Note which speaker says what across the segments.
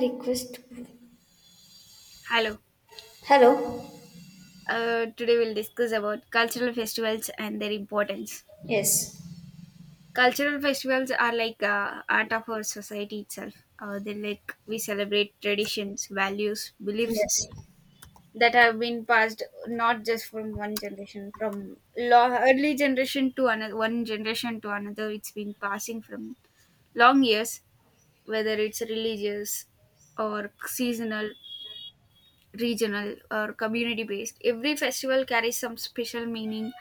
Speaker 1: Request.
Speaker 2: Hello.
Speaker 1: Hello.
Speaker 2: Today we'll discuss about cultural festivals and their importance.
Speaker 1: Yes.
Speaker 2: Cultural festivals are like art of our society itself. They like We celebrate traditions, values, beliefs
Speaker 1: Yes,
Speaker 2: that have been passed not just from one generation, from long, early generation to another, one generation to another. It's been passing from long years, whether it's religious or seasonal, regional, or community based. Every festival carries some special meaning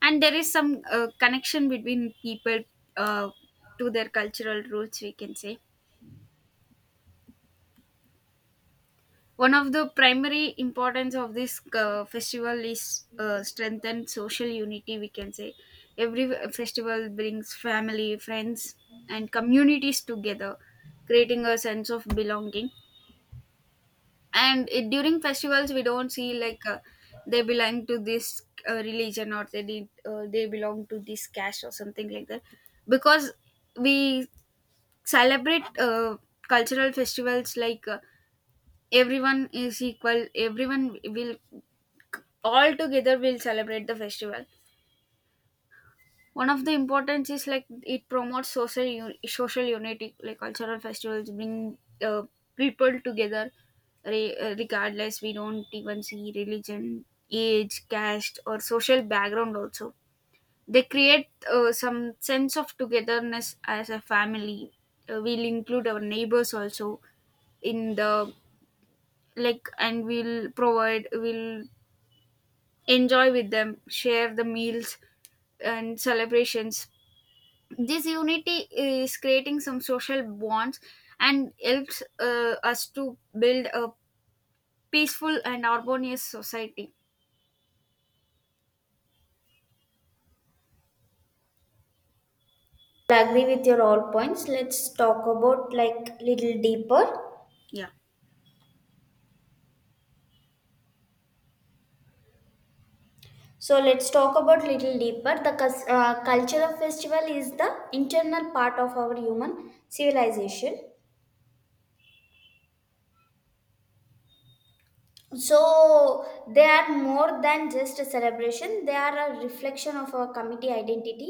Speaker 2: and there is some connection between people uh, to their cultural roots, we can say. One of the primary importance of this festival is strengthen social unity, we can say. Every festival brings family, friends, and communities together, creating a sense of belonging. And during festivals we don't see like they belong to this religion, or they belong to this caste or something like that, because we celebrate cultural festivals like everyone is equal, everyone will all together will celebrate the festival. One of the importance is like it promotes social unity. Like cultural festivals bring people together, regardless, we don't even see religion, age, caste, or social background also. They create some sense of togetherness as a family. We'll include our neighbors also in the like, and we'll provide we'll enjoy with them, share the meals and celebrations. This unity is creating some social bonds and helps us to build a peaceful and harmonious society.
Speaker 1: I agree with your all points. Let's talk about, like, little deeper.
Speaker 2: Yeah,
Speaker 1: So let's talk about little deeper. The culture of festival is the internal part of our human civilization. So they are more than just a celebration. They are a reflection of our community identity,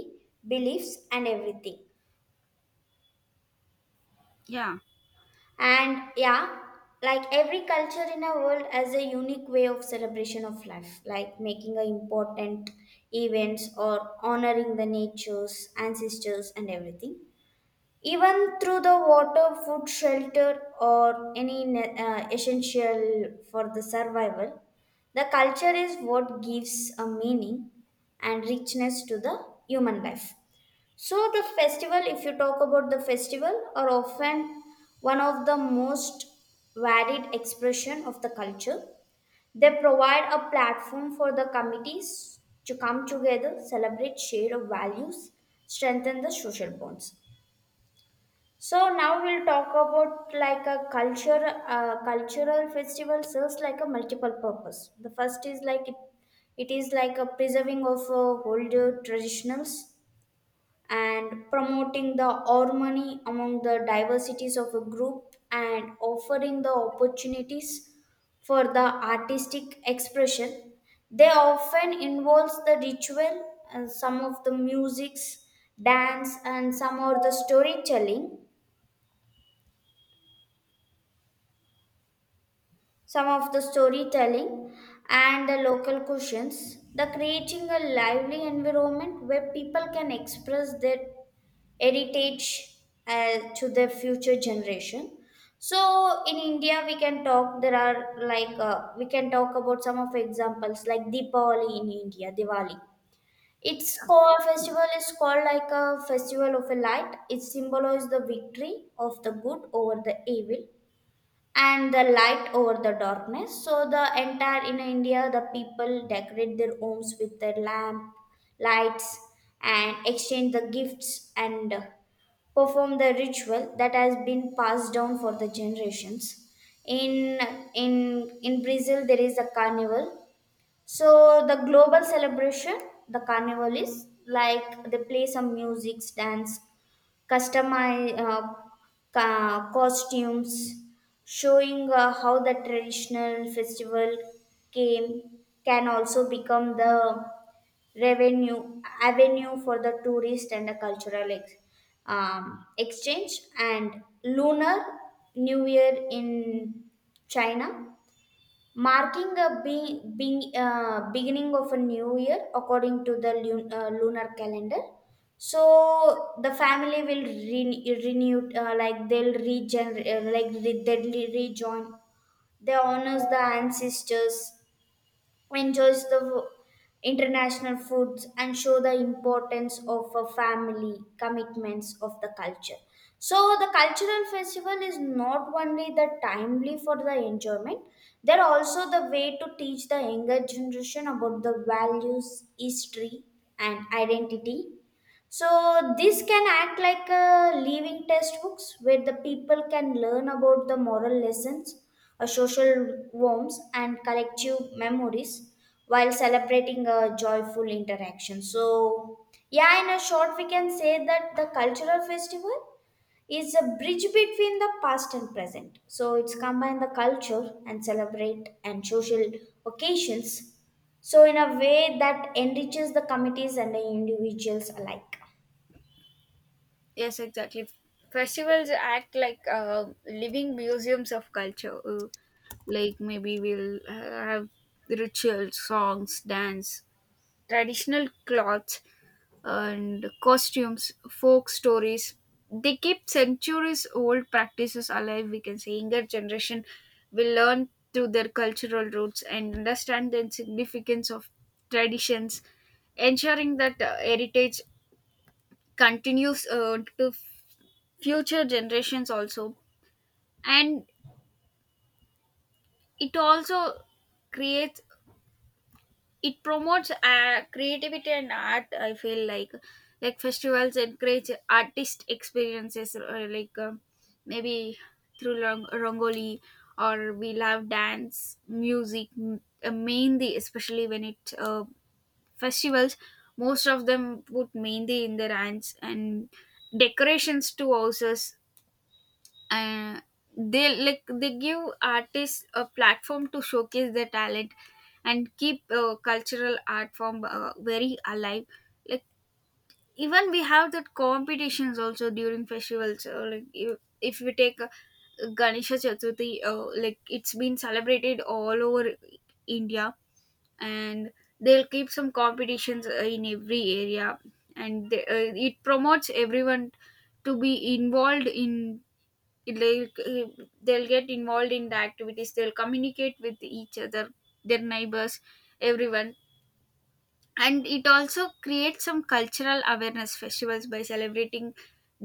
Speaker 1: beliefs and everything.
Speaker 2: yeah,
Speaker 1: And yeah, like every culture in our world has a unique way of celebration of life, like making a important events or honoring the nature's ancestors and everything. Even through the water, food, shelter, or any essential for the survival, the culture is what gives a meaning and richness to the human life. So the festival, if you talk about the festival, are often one of the most varied expression of the culture. They provide a platform for the committees to come together, celebrate shared values, strengthen the social bonds. So now we'll talk about like a cultural festival serves like a multiple purpose. The first is like it is like a preserving of older traditions and promoting the harmony among the diversities of a group and offering the opportunities for the artistic expression. They often involves the ritual and some of the musics, dance and some of the storytelling, some of the storytelling and the local cuisines, the creating a lively environment where people can express their heritage to the future generation. So in India we can talk, there are like we can talk about some of examples like Deepavali in India, Diwali. Its core festival is called like a festival of a light. It symbolizes the victory of the good over the evil and the light over the darkness. So the entire in India, the people decorate their homes with the lamp, lights, and exchange the gifts and perform the ritual that has been passed down for the generations. In in in Brazil, there is a carnival. So the global celebration, the carnival is like they play some music, dance, customize costumes, showing how the traditional festival came can also become the revenue avenue for the tourist and the cultural exchange. And lunar new year in China, marking a beginning of a new year according to the lunar calendar. So the family will renew, like they'll regenerate, like they'll rejoin. They honors the ancestors, enjoys the international foods and show the importance of a family commitments of the culture. So the cultural festival is not only the timely for the enjoyment, they're also the way to teach the younger generation about the values, history and identity. So this can act like a living textbooks where the people can learn about the moral lessons, a social warmth, and collective memories while celebrating a joyful interaction. So yeah, in a short, we can say that the cultural festival is a bridge between the past and present. So it's combine the culture and celebrate and social occasions. So in a way that enriches the committees and the individuals alike.
Speaker 2: yes, exactly. Festivals act like living museums of culture. Like maybe we'll have rituals, songs, dance, traditional clothes, and costumes, folk stories. They keep centuries old practices alive, we can say. Younger generation will learn through their cultural roots and understand the significance of traditions, ensuring that heritage continues to future generations also. And it also creates, it promotes creativity and art, I feel like. Like festivals encourage artist experiences like, maybe through rangoli, or we love dance, music, mehndi, especially when it festivals, most of them put mehndi in their hands and decorations to houses, and they like they give artists a platform to showcase their talent and keep cultural art form very alive. Like even we have that competitions also during festivals, like if we take ganesha chaturthi, like it's been celebrated all over india. And they'll keep some competitions in every area, and it promotes everyone to be involved in it, like they'll get involved in the activities, they'll communicate with each other, their neighbors, everyone. And it also creates some cultural awareness festivals. By celebrating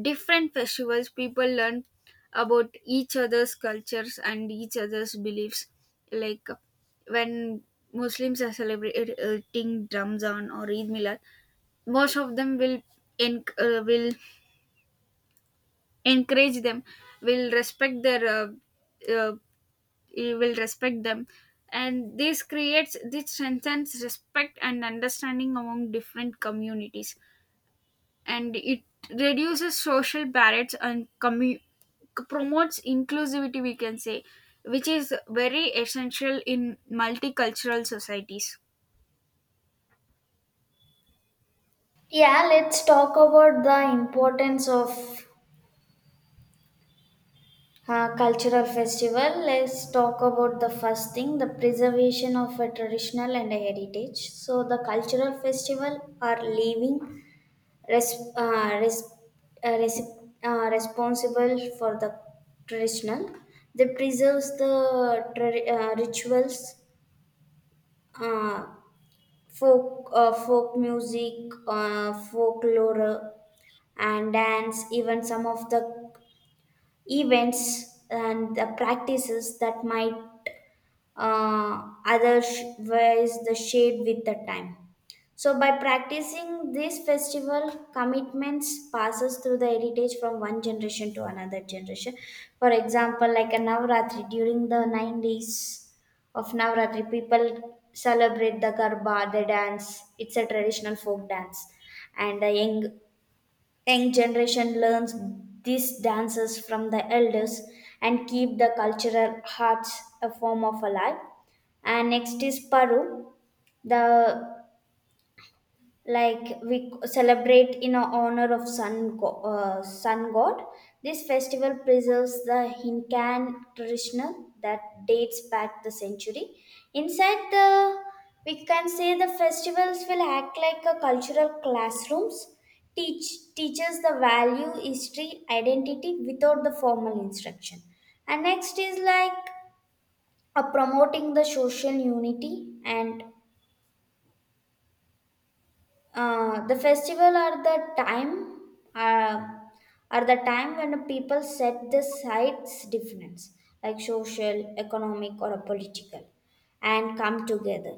Speaker 2: different festivals, people learn about each other's cultures and each other's beliefs. Like when muslims are celebrating ramzan or eid milad, most of them will enc- uh, will encourage them, will respect their uh, you will respect them. And this creates, this strengthens respect and understanding among different communities. And it reduces social barriers and promotes inclusivity, we can say, which is very essential in multicultural societies.
Speaker 1: Yeah, let's talk about the importance of cultural festival. Let's talk about the first thing, the preservation of a traditional and a heritage. So the cultural festival are living res- uh, res- uh, res- responsible for the traditional. They preserves the rituals, uh, folk music, folklore, and dance. Even some of the events and the practices that might others the shade with the time. So by practicing this festival, commitments passes through the heritage from one generation to another generation. For example, like a Navratri, during the 9 days of Navratri, people celebrate the Garba, they dance. It's a traditional folk dance, and the young generation learns these dances from the elders and keep the cultural arts a form of alive. And next is Paru. The Like we celebrate in honor of sun god. This festival preserves the hinkan traditional that dates back the century. Inside the, we can say the festivals will act like a cultural classrooms, teach teaches the value, history, identity without the formal instruction. And next is like promoting the social unity. And the festival uh, are the time when people set the sides difference, like social, economic or a political, and come together.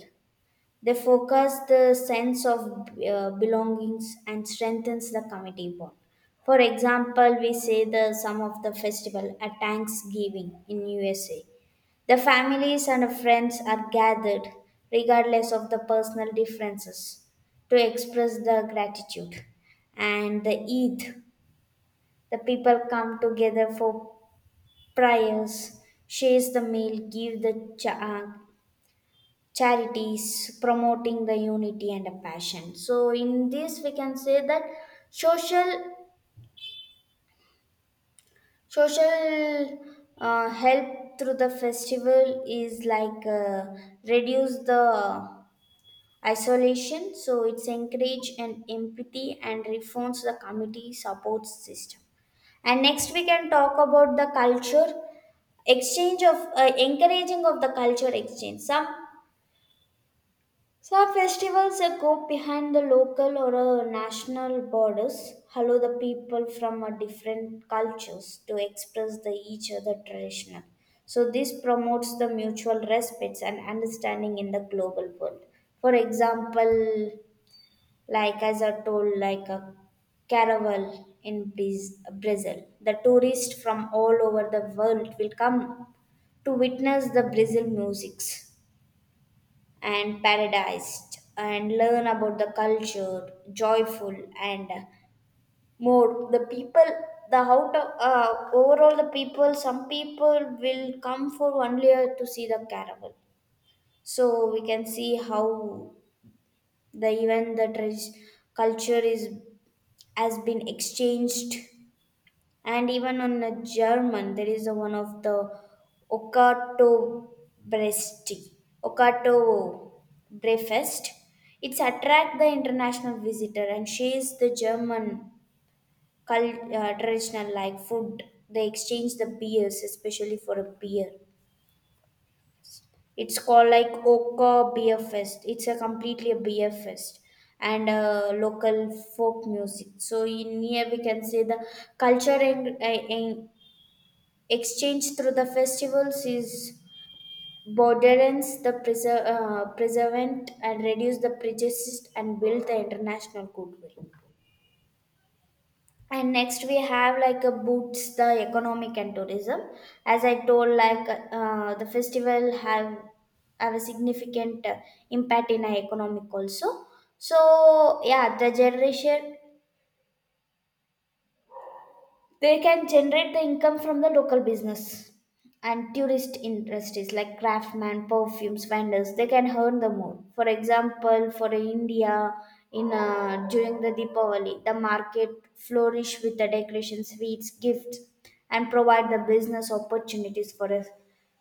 Speaker 1: They focus the sense of belongings and strengthens the community bond. For example, we say the some of the festival at Thanksgiving in USA. The families and friends are gathered regardless of the personal differences to express the gratitude. And the Eid, the people come together for prayers, shares the meal, give the charities, promoting the unity and a passion. So in this we can say that social social help through the festival is like reduce the isolation, so it's encourage and empathy and reforms the community support system. And next we can talk about the culture exchange of encouraging of the culture exchange. Some festivals that go behind the local or national borders allow the people from different cultures to express the each other traditional. So this promotes the mutual respects and understanding in the global world. For example, like as I told, like a caravel in Brazil, the tourists from all over the world will come to witness the Brazil musics and paradised and learn about the culture, joyful and more. The people, the out of, overall the people, some people will come for 1 year to see the caravan. So we can see how the culture is has been exchanged. And even on a German, there is a one of the Okato Bresti, Okato Brefest. It's attract the international visitor and shares the German traditional like food. They exchange the beers, especially for a beer. It's called like Oka Beer Fest. It's a completely a beer fest and local folk music. So in here we can say the culture and, exchange through the festivals is borderance the preservant and reduce the prejudice and build the international goodwill. And next we have like a boots the economic and tourism. As I told, like the festival have a significant impact in our economic also. So yeah, the generation, they can generate the income from the local business and tourist industries like craftsmen, perfumes, vendors. They can earn the more. For example, for India, in during the Deepavali, the market flourish with the decorations, sweets, gifts, and provide the business opportunities for a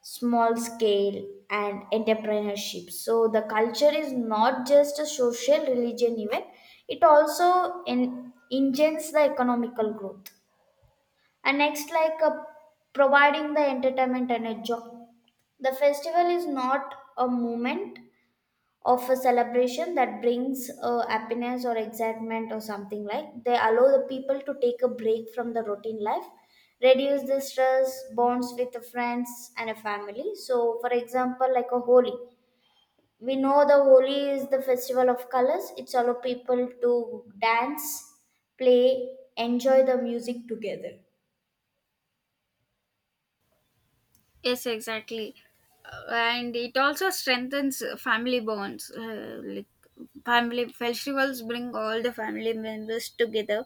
Speaker 1: small scale and entrepreneurship. So the culture is not just a social religion event; it also engines the economical growth. And next, like providing the entertainment and a joy. The festival is not a moment of a celebration that brings happiness or excitement or something like. They allow the people to take a break from the routine life, reduce the stress, bonds with the friends and a family. So, for example, like a Holi, we know the Holi is the festival of colors. It's allow people to dance, play, enjoy the music together.
Speaker 2: Yes, exactly. And it also strengthens family bonds, like family festivals bring all the family members together.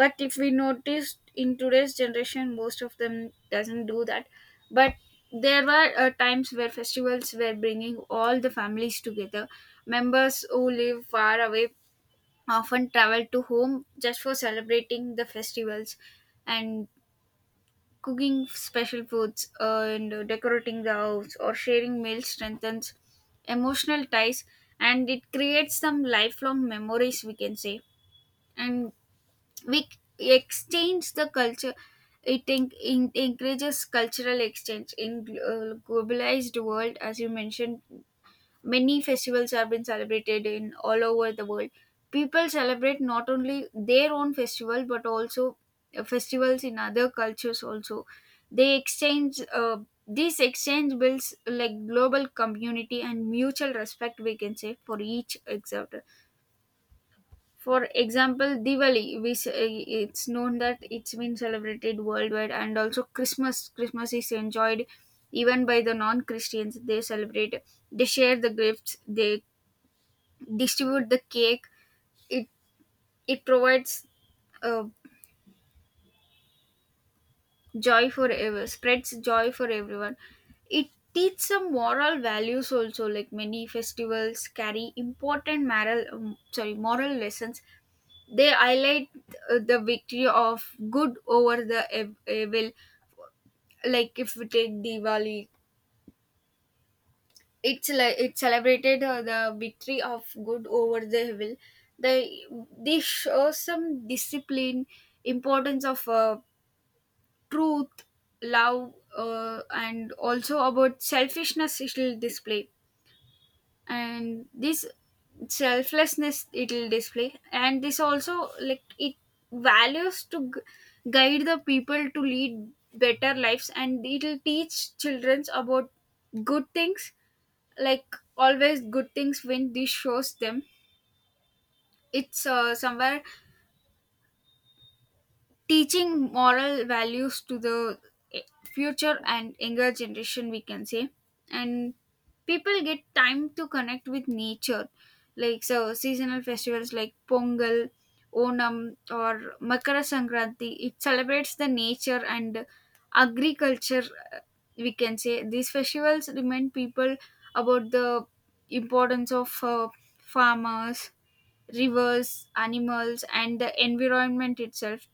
Speaker 2: But if we noticed in today's generation, most of them doesn't do that. But there were times where festivals were bringing all the families together. Members who live far away often travel to home just for celebrating the festivals and cooking special foods, and decorating the house or sharing meals strengthens emotional ties, and it creates some lifelong memories, we can say. And we exchange the culture. It, encourages cultural exchange in globalized world. As you mentioned, many festivals have been celebrated in all over the world. People celebrate not only their own festival but also festivals in other cultures also. They exchange this exchange builds like global community and mutual respect, we can say, for each other. For example, Diwali, it's known that it's been celebrated worldwide, and also Christmas. Christmas is enjoyed even by the non-Christians. They celebrate, they share the gifts, they distribute the cake. It it provides uh, joy for ever, spreads joy for everyone. It teach some moral values also. Like many festivals carry important moral lessons. They highlight the victory of good over the evil. Like if we take Diwali, it's like it celebrated the victory of good over the evil. They they show some discipline, importance of truth, love, and also about selfishness. It will display. And this selflessness it'll display, and this also like it values to guide the people to lead better lives, and it'll teach children about good things. Like always good things when this shows them, it's somewhere teaching moral values to the eh, future and younger generation, we can say. And people get time to connect with nature. Like so seasonal festivals like pongal, onam, or makara sankranti, it celebrates the nature and agriculture, uh, we can say. These festivals remind people about the importance of farmers, rivers, animals, and the environment itself.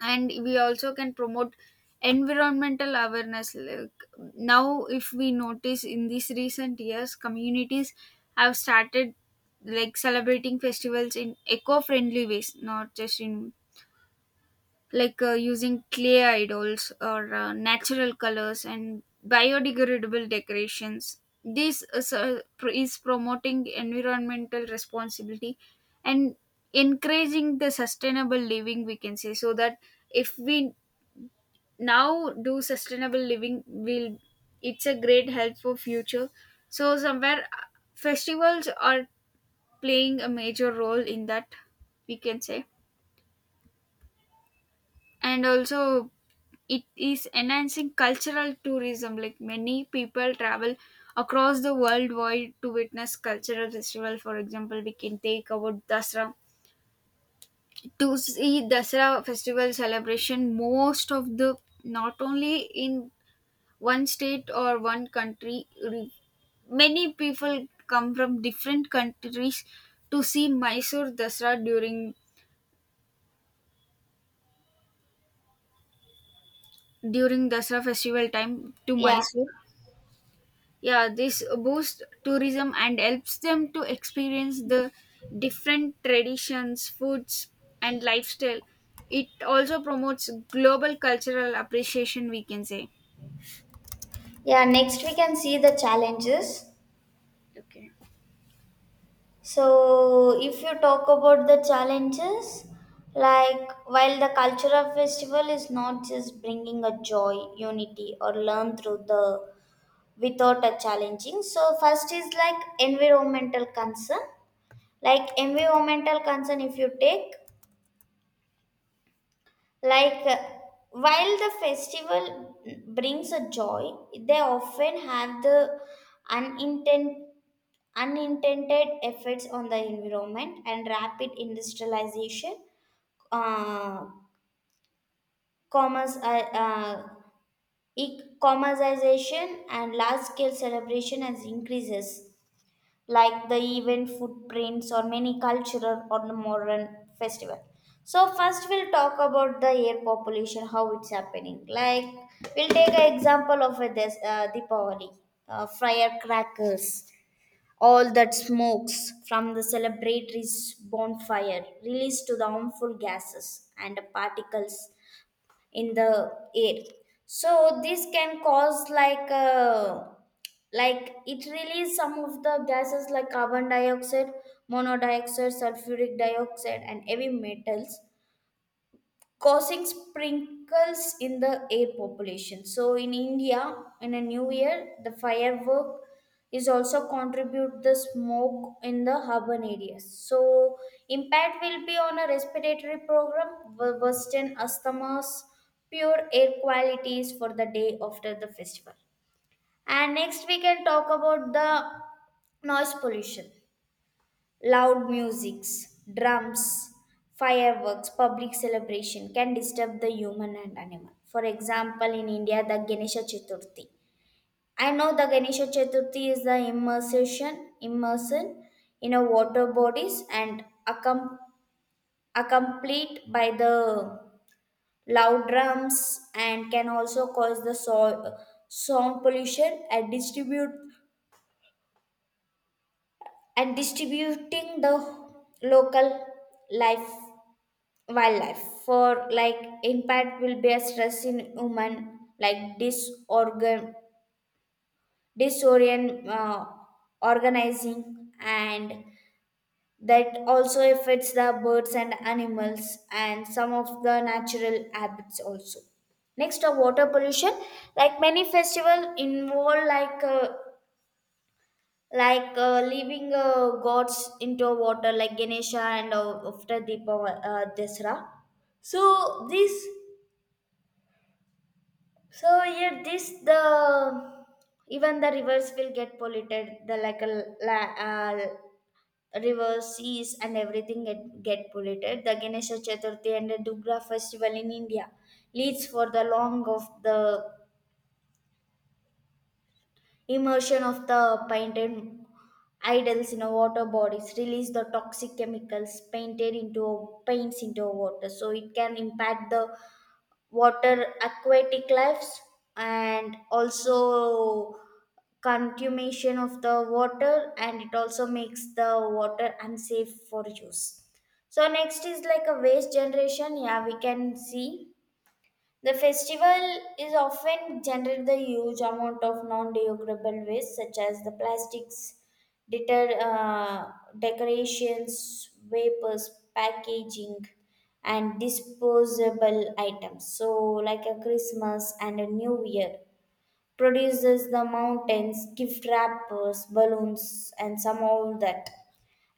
Speaker 2: And we also can promote environmental awareness. Like now if we notice in these recent years, communities have started like celebrating festivals in eco-friendly ways, not just in like using clay idols or natural colors and biodegradable decorations. This is, so, pr- Is promoting environmental responsibility and encouraging the sustainable living, we can say, so that if we now do sustainable living will, it's a great help for future. So somewhere festivals are playing a major role in that, we can say. And also it is enhancing cultural tourism. Like many people travel across the world wide to witness cultural festival. For example, we can take about dasra. To see dasra festival celebration, most of the, not only in one state or one country. Many people come from different countries to see Mysore Dasra during Dasra festival time to
Speaker 1: Yeah.
Speaker 2: Mysore. Yeah, this boosts tourism and helps them to experience the different traditions, foods, and lifestyle. It also promotes global cultural appreciation, we can say.
Speaker 1: Yeah, next we can see the challenges.
Speaker 2: Okay.
Speaker 1: So, if you talk about the challenges, like while the cultural festival is not just bringing a joy, unity, or learn through the without a challenging. So, first is like environmental concern. Like environmental concern, if you take, like while the festival brings a joy, they often have the unintended unintended effects on the environment and rapid industrialization, uh, commerce, uh, uh, e- commercialization and large-scale celebration as increases, like the event footprints or many cultural or the modern festival. So first we'll talk about the air population, how it's happening. Like we'll take an example of a this Deepavali, firecrackers. All that smokes from the celebratory's bonfire released to the harmful gases and particles in the air. So this can cause like it releases some of the gases like carbon dioxide, monoxide, sulfuric dioxide, and heavy metals causing sprinkles in the air population. So in India, in a new year, the firework is also contribute the smoke in the urban areas. So impact will be on a respiratory program, worsen asthma's pure air qualities for the day after the festival. And next we can talk about the noise pollution. Loud musics, drums, fireworks, public celebration can disturb the human and animal. For example, in India, the Ganesha Chaturthi. I know the Ganesha Chaturthi is the immersion in a water bodies and accompanied by the loud drums and can also cause the sound pollution and distribute and distributing the local life wildlife for like impact will be a stress in human like disorgan disorient organizing and that also affects the birds and animals and some of the natural habits also. Next are water pollution, like many festival involve like leaving gods into water, like ganesha and after deepa, dasra. So this So here, this the even the rivers will get polluted. The like a river, seas, and everything get polluted. The Ganesha Chaturthi and the Dugra festival in India leads for the long of the immersion of the painted idols in a water bodies release the toxic chemicals painted into paints into water, so it can impact the water aquatic lives and also contamination of the water, and it also makes the water unsafe for use. So next is like a waste generation, yeah, we can see the festival is often generate the huge amount of non-degradable waste such as the plastics, deter, uh, decorations, vapors, packaging, and disposable items. So, like a Christmas and a New Year produces the mountains, gift wrappers, balloons, and some all that.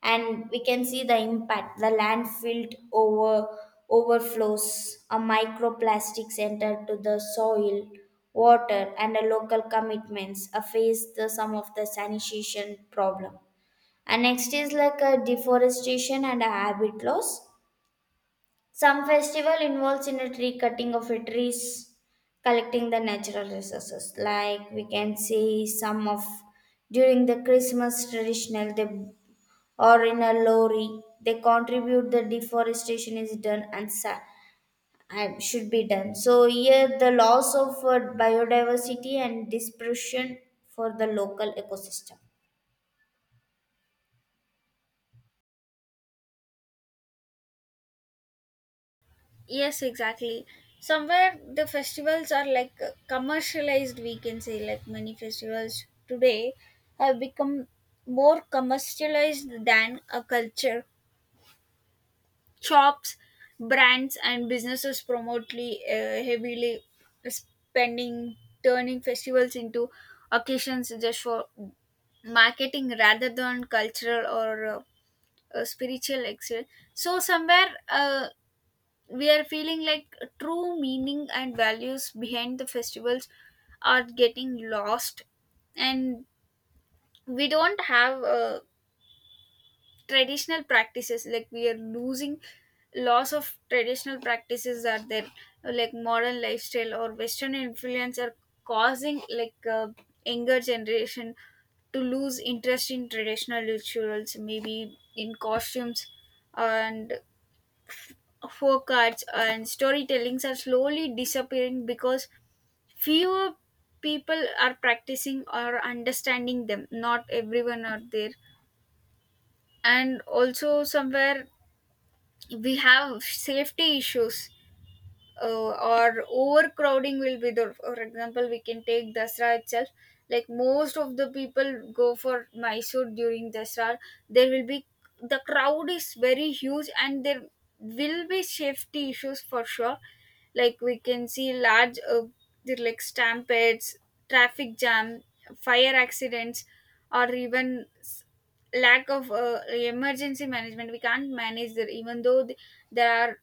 Speaker 1: And we can see the impact. The landfill overflows, a microplastics enter to the soil, water, and the local commitments face the, some of the sanitation problem. And next is like a deforestation and a habit loss. Some festival involves in a tree cutting of a trees, collecting the natural resources. Like we can see some of during the Christmas traditional they or in a lorry they contribute the deforestation is done and and should be done. So here the loss of biodiversity and dispersion for the local ecosystem.
Speaker 2: Yes, exactly. Somewhere the festivals are like commercialized, we can say. Like many festivals today have become more commercialized than a culture. Shops, brands, and businesses promote,ly heavily spending, turning festivals into occasions just for marketing rather than cultural or spiritual excellence. So somewhere, we are feeling like true meaning and values behind the festivals are getting lost, and we don't have traditional practices. Like we are losing, loss of traditional practices are there. Like modern lifestyle or western influence are causing like younger generation to lose interest in traditional rituals, maybe in costumes, and folk arts and storytellings are slowly disappearing because fewer people are practicing or understanding them, not everyone are there. And also somewhere we have safety issues or overcrowding will be there. For example, we can take Dasra itself. Like most of the people go for Mysore during Dasra, there will be the crowd is very huge, and there will be safety issues for sure. Like we can see there like stampedes, traffic jam, fire accidents, or even lack of emergency management. We can't manage that. Even though there are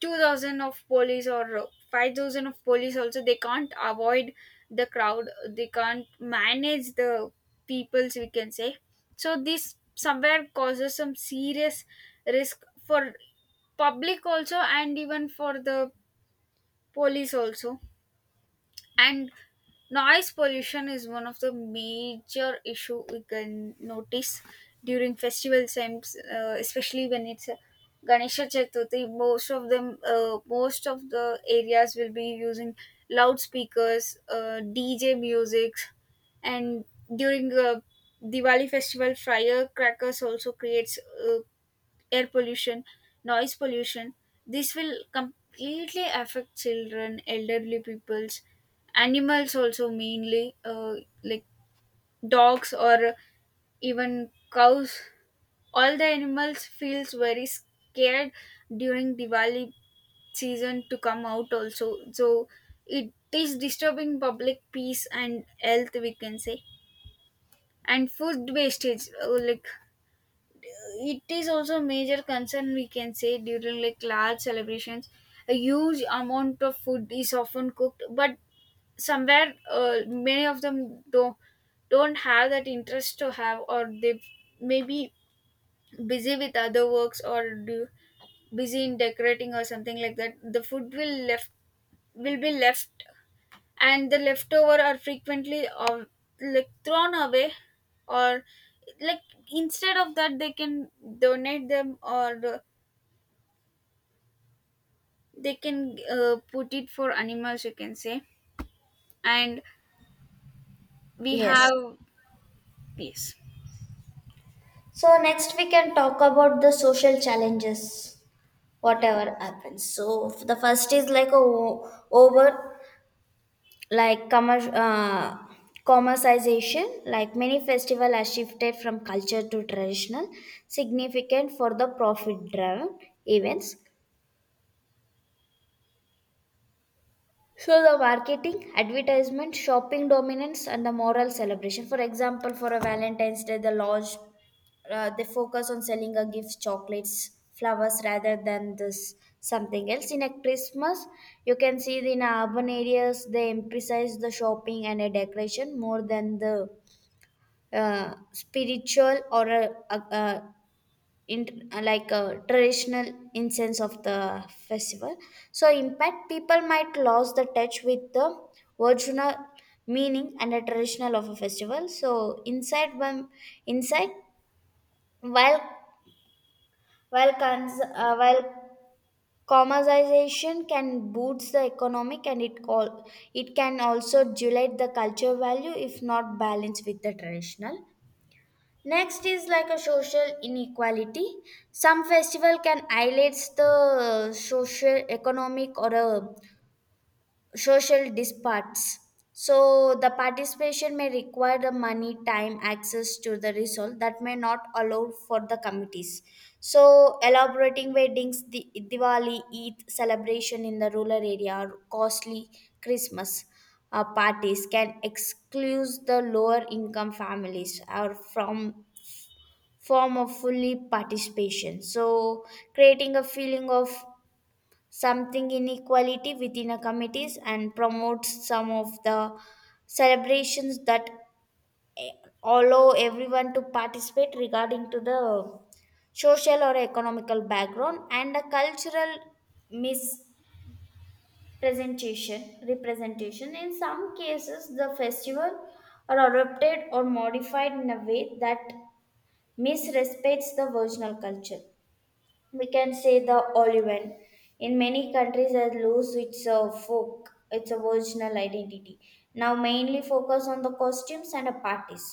Speaker 2: 2000 of police or 5000 of police also, they can't avoid the crowd, they can't manage the peoples, we can say. So this somewhere causes some serious risk for public also, and even for the police also. And noise pollution is one of the major issue we can notice during festival times, especially when it's ganesha chaturthi, most of the areas will be using loudspeakers, dj music. And during diwali festival, firecrackers also creates uh, air pollution, noise pollution. This will completely affect children, elderly peoples, animals also, mainly like dogs or even cows. All the animals feels very scared during Diwali season to come out also. So it is disturbing public peace and health, we can say. And food wastage, like it is also a major concern, we can say. During like large celebrations, a huge amount of food is often cooked, but somewhere many of them don't have that interest to have, or they may be busy with other works or do busy in decorating or something like that. The food will left will be left, and the leftover are frequently of like thrown away, or like instead of that, they can donate them, or they can put it for animals, you can say. And we
Speaker 1: Yes.
Speaker 2: have yes.
Speaker 1: So next we can talk about the social challenges.
Speaker 2: Ye-
Speaker 1: Whatever happens, so the first is like a o- over like commer- uh, commercialization, like many festival has shifted from culture to traditional significant for the profit driven events. So the marketing, advertisement, shopping dominance, and the moral celebration. For example, for a Valentine's Day, the lodge, they focus on selling a gift, chocolates, flowers rather than this something else. In a Christmas, you can see in urban areas they emphasize the shopping and a decoration more than the spiritual or a in like a traditional incense of the festival. So impact people might lose the touch with the original meaning and the traditional of a festival. So inside one inside while while cons, while commercialization can boost the economic and it all, it can also dilute the culture value if not balanced with the traditional. Next is like a social inequality. Some festival can highlight the social, economic, or social disparities. So the participation may require the money, time, access to the result that may not allow for the committees. So elaborating weddings, the Diwali, Eid celebration in the rural area, or costly Christmas parties can exclude the lower income families or from form of fully participation. So, creating a feeling of something inequality within a committees and promotes some of the celebrations that eh, allow everyone to participate regarding to the social or economical background. And a cultural mispresentation representation, in some cases the festival are adopted or modified in a way that misrespects the original culture, we can say the Oliven. In many countries has lose its folk, its original identity. Now mainly focus on the costumes and the parties.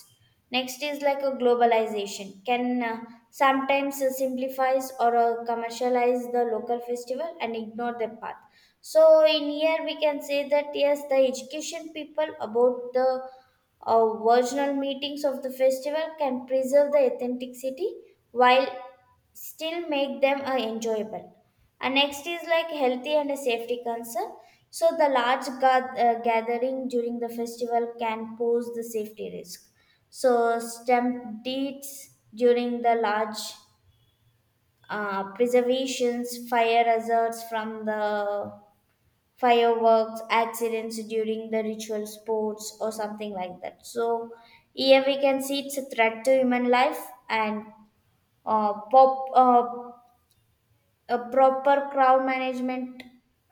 Speaker 1: Next is like a globalization. Can sometimes simplifies or commercialize the local festival and ignore the path. So in here we can say that yes, the education people about the original meetings of the festival can preserve the authenticity while still make them enjoyable. And next is like healthy and a safety concern. So the large gathering during the festival can pose the safety risk. So deeds during the large preservations, fire hazards from the fireworks, accidents during the ritual sports, or something like that. So here we can see it's a threat to human life and uh, pop, uh, a proper crowd management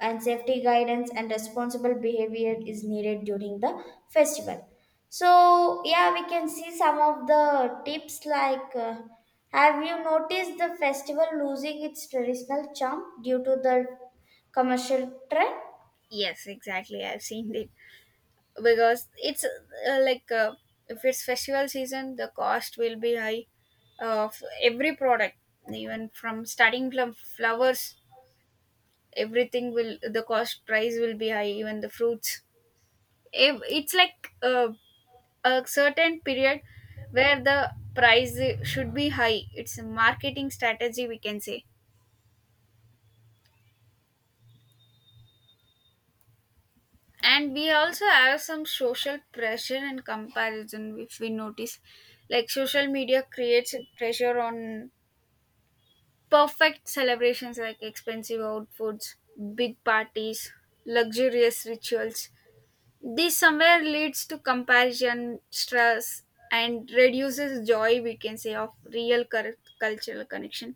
Speaker 1: and safety guidance and responsible behavior is needed during the festival. So yeah, we can see some of the tips like. Have you noticed the festival losing its traditional charm due to the commercial trend?
Speaker 2: yes, exactly, I've seen it. Because it's if it's festival season, the cost will be high of every product, even from starting from flowers, everything will, the cost price will be high, even the fruits. If it's like a certain period where the price should be high, it's a marketing strategy, we can say. And we also have some social pressure and comparison. If we notice, like social media creates pressure on perfect celebrations like expensive outfits, big parties, luxurious rituals. This somewhere leads to comparison, stress, and reduces joy, we can say, of real cultural connection.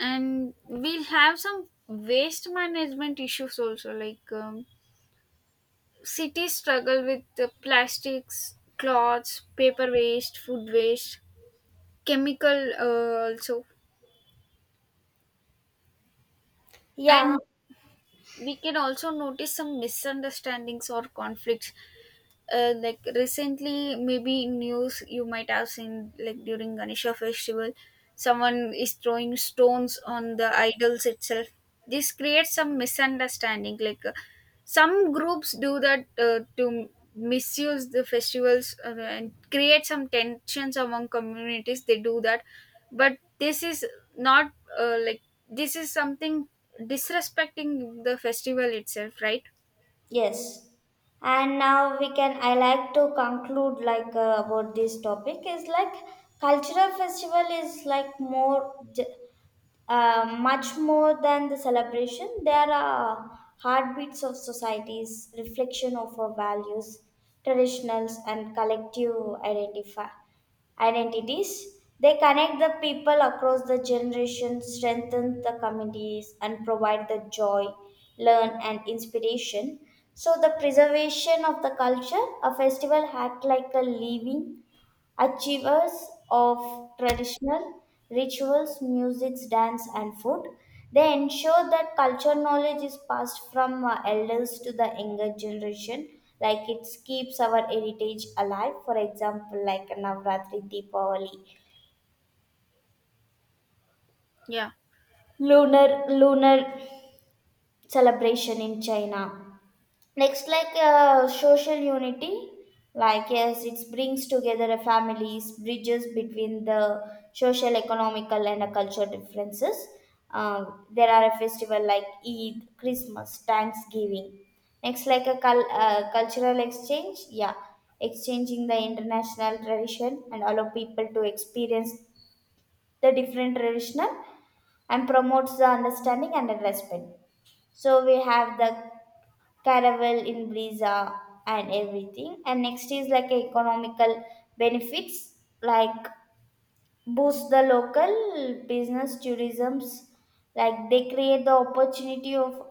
Speaker 2: And we'll have some waste management issues also, like cities struggle with the plastics, cloths, paper waste, food waste, chemical also.
Speaker 1: Yeah.
Speaker 2: And we can also notice some misunderstandings or conflicts, like recently maybe in news you might have seen like during ganesha festival someone is throwing stones on the idols itself. This creates some misunderstanding, like some groups do that to misuse the festivals and create some tensions among communities, they do that. But this is not uh, like this is something disrespecting the festival itself, right?
Speaker 1: Yes. And now we can, I like to conclude like about this topic is like cultural festival is like much more than the celebration, there are heartbeats of societies, reflection of our values, traditionals, and collective identify, identities. They connect the people across the generations, strengthen the communities, and provide the joy, learn, and inspiration. So, the preservation of the culture, a festival act like a living achievers of traditional rituals, music, dance, and food. They ensure that culture knowledge is passed from elders to the younger generation, like it keeps our heritage alive. For example, like Navratri, Deepavali,
Speaker 2: Yeah.
Speaker 1: lunar celebration in China. Next, like social unity, like yes, it brings together a families, bridges between the social, economical, and a cultural differences. There are a festival like Eid, Christmas, Thanksgiving. Next, like a cultural exchange, yeah, exchanging the international tradition and allow people to experience the different traditional and promotes the understanding and the respect. So we have the caravel in visa and everything. And next is like economical benefits, like boost the local business tourisms, like they create the opportunity of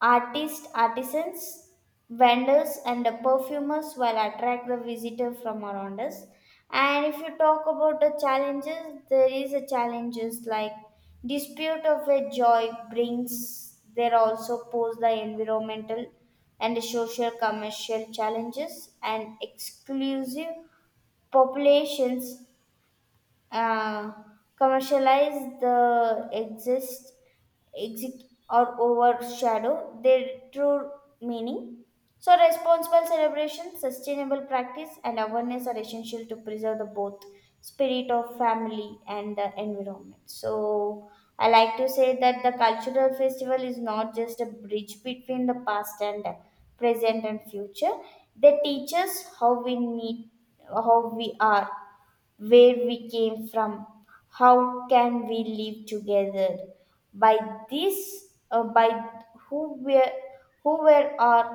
Speaker 1: artists, artisans, vendors, and the perfumers will attract the visitor from around us. And if you talk about the challenges, there is a challenges like dispute of a joy brings. There also pose the environmental and the social commercial challenges and exclusive populations, uh, commercialize the exist exit or overshadow their true meaning. So responsible celebration sustainable practice and awareness are essential to preserve the both spirit of family and the environment. So I like to say that the cultural festival is not just a bridge between the past and the present and future. They teach us how we need, how we are, where we came from, how can we live together, by this by who we, who were are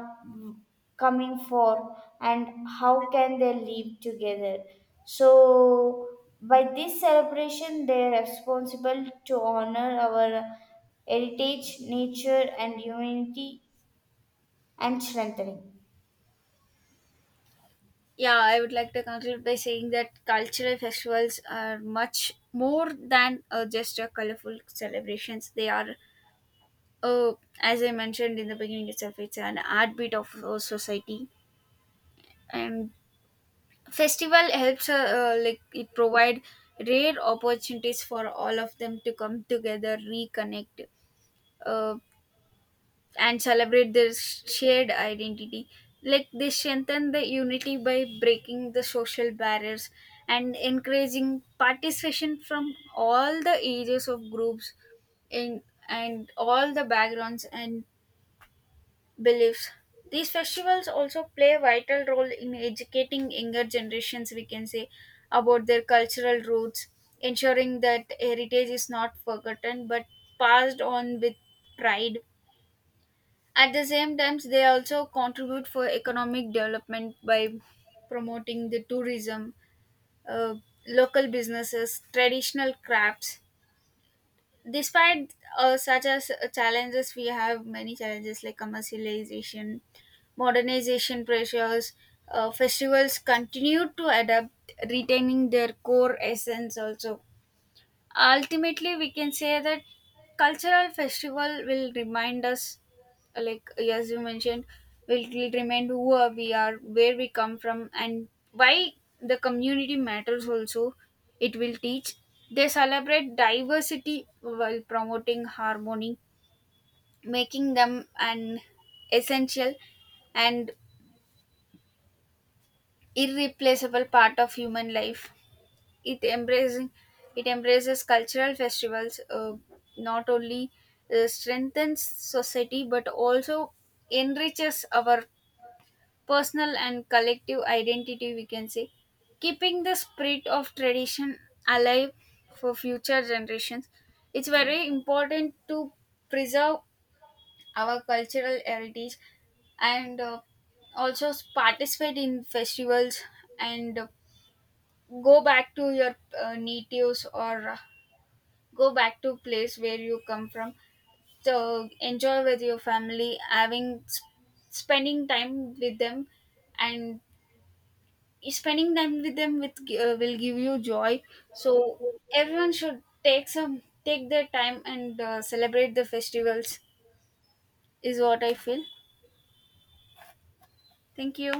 Speaker 1: coming for and how can they live together. So by this celebration they are responsible to honor our heritage nature and humanity and strengthening.
Speaker 2: Yeah, I would like to conclude by saying that cultural festivals are much more than just a colorful celebrations. They are, uh, as I mentioned in the beginning itself, it's an heartbeat of our society. And festival helps, like it provide rare opportunities for all of them to come together, reconnect, uh, and celebrate their shared identity. Like they strengthen the unity by breaking the social barriers and encouraging participation from all the ages of groups in and all the backgrounds and beliefs. These festivals also play a vital role in educating younger generations, we can say, about their cultural roots, ensuring that heritage is not forgotten but passed on with pride. At the same time, they also contribute for economic development by promoting the tourism, uh, local businesses, traditional crafts. Despite such as challenges, we have many challenges like commercialization, modernization pressures. Festivals continue to adapt, retaining their core essence also. Ultimately, we can say that cultural festival will remind us, like as you mentioned, will remind who are we are, where we come from, and why the community matters also. It will teach, they celebrate diversity while promoting harmony, making them an essential and irreplaceable part of human life. It embracing it embraces cultural festivals, not only strengthens society but also enriches our personal and collective identity, we can say, keeping the spirit of tradition alive for future generations. It's very important to preserve our cultural heritage, and also participate in festivals, and go back to your natives, or go back to place where you come from. So enjoy with your family, having spending time with them, and spending time with them with will give you joy. So everyone should take their time and celebrate the festivals is what I feel. Thank you.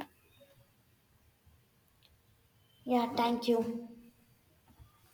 Speaker 1: Yeah, thank you.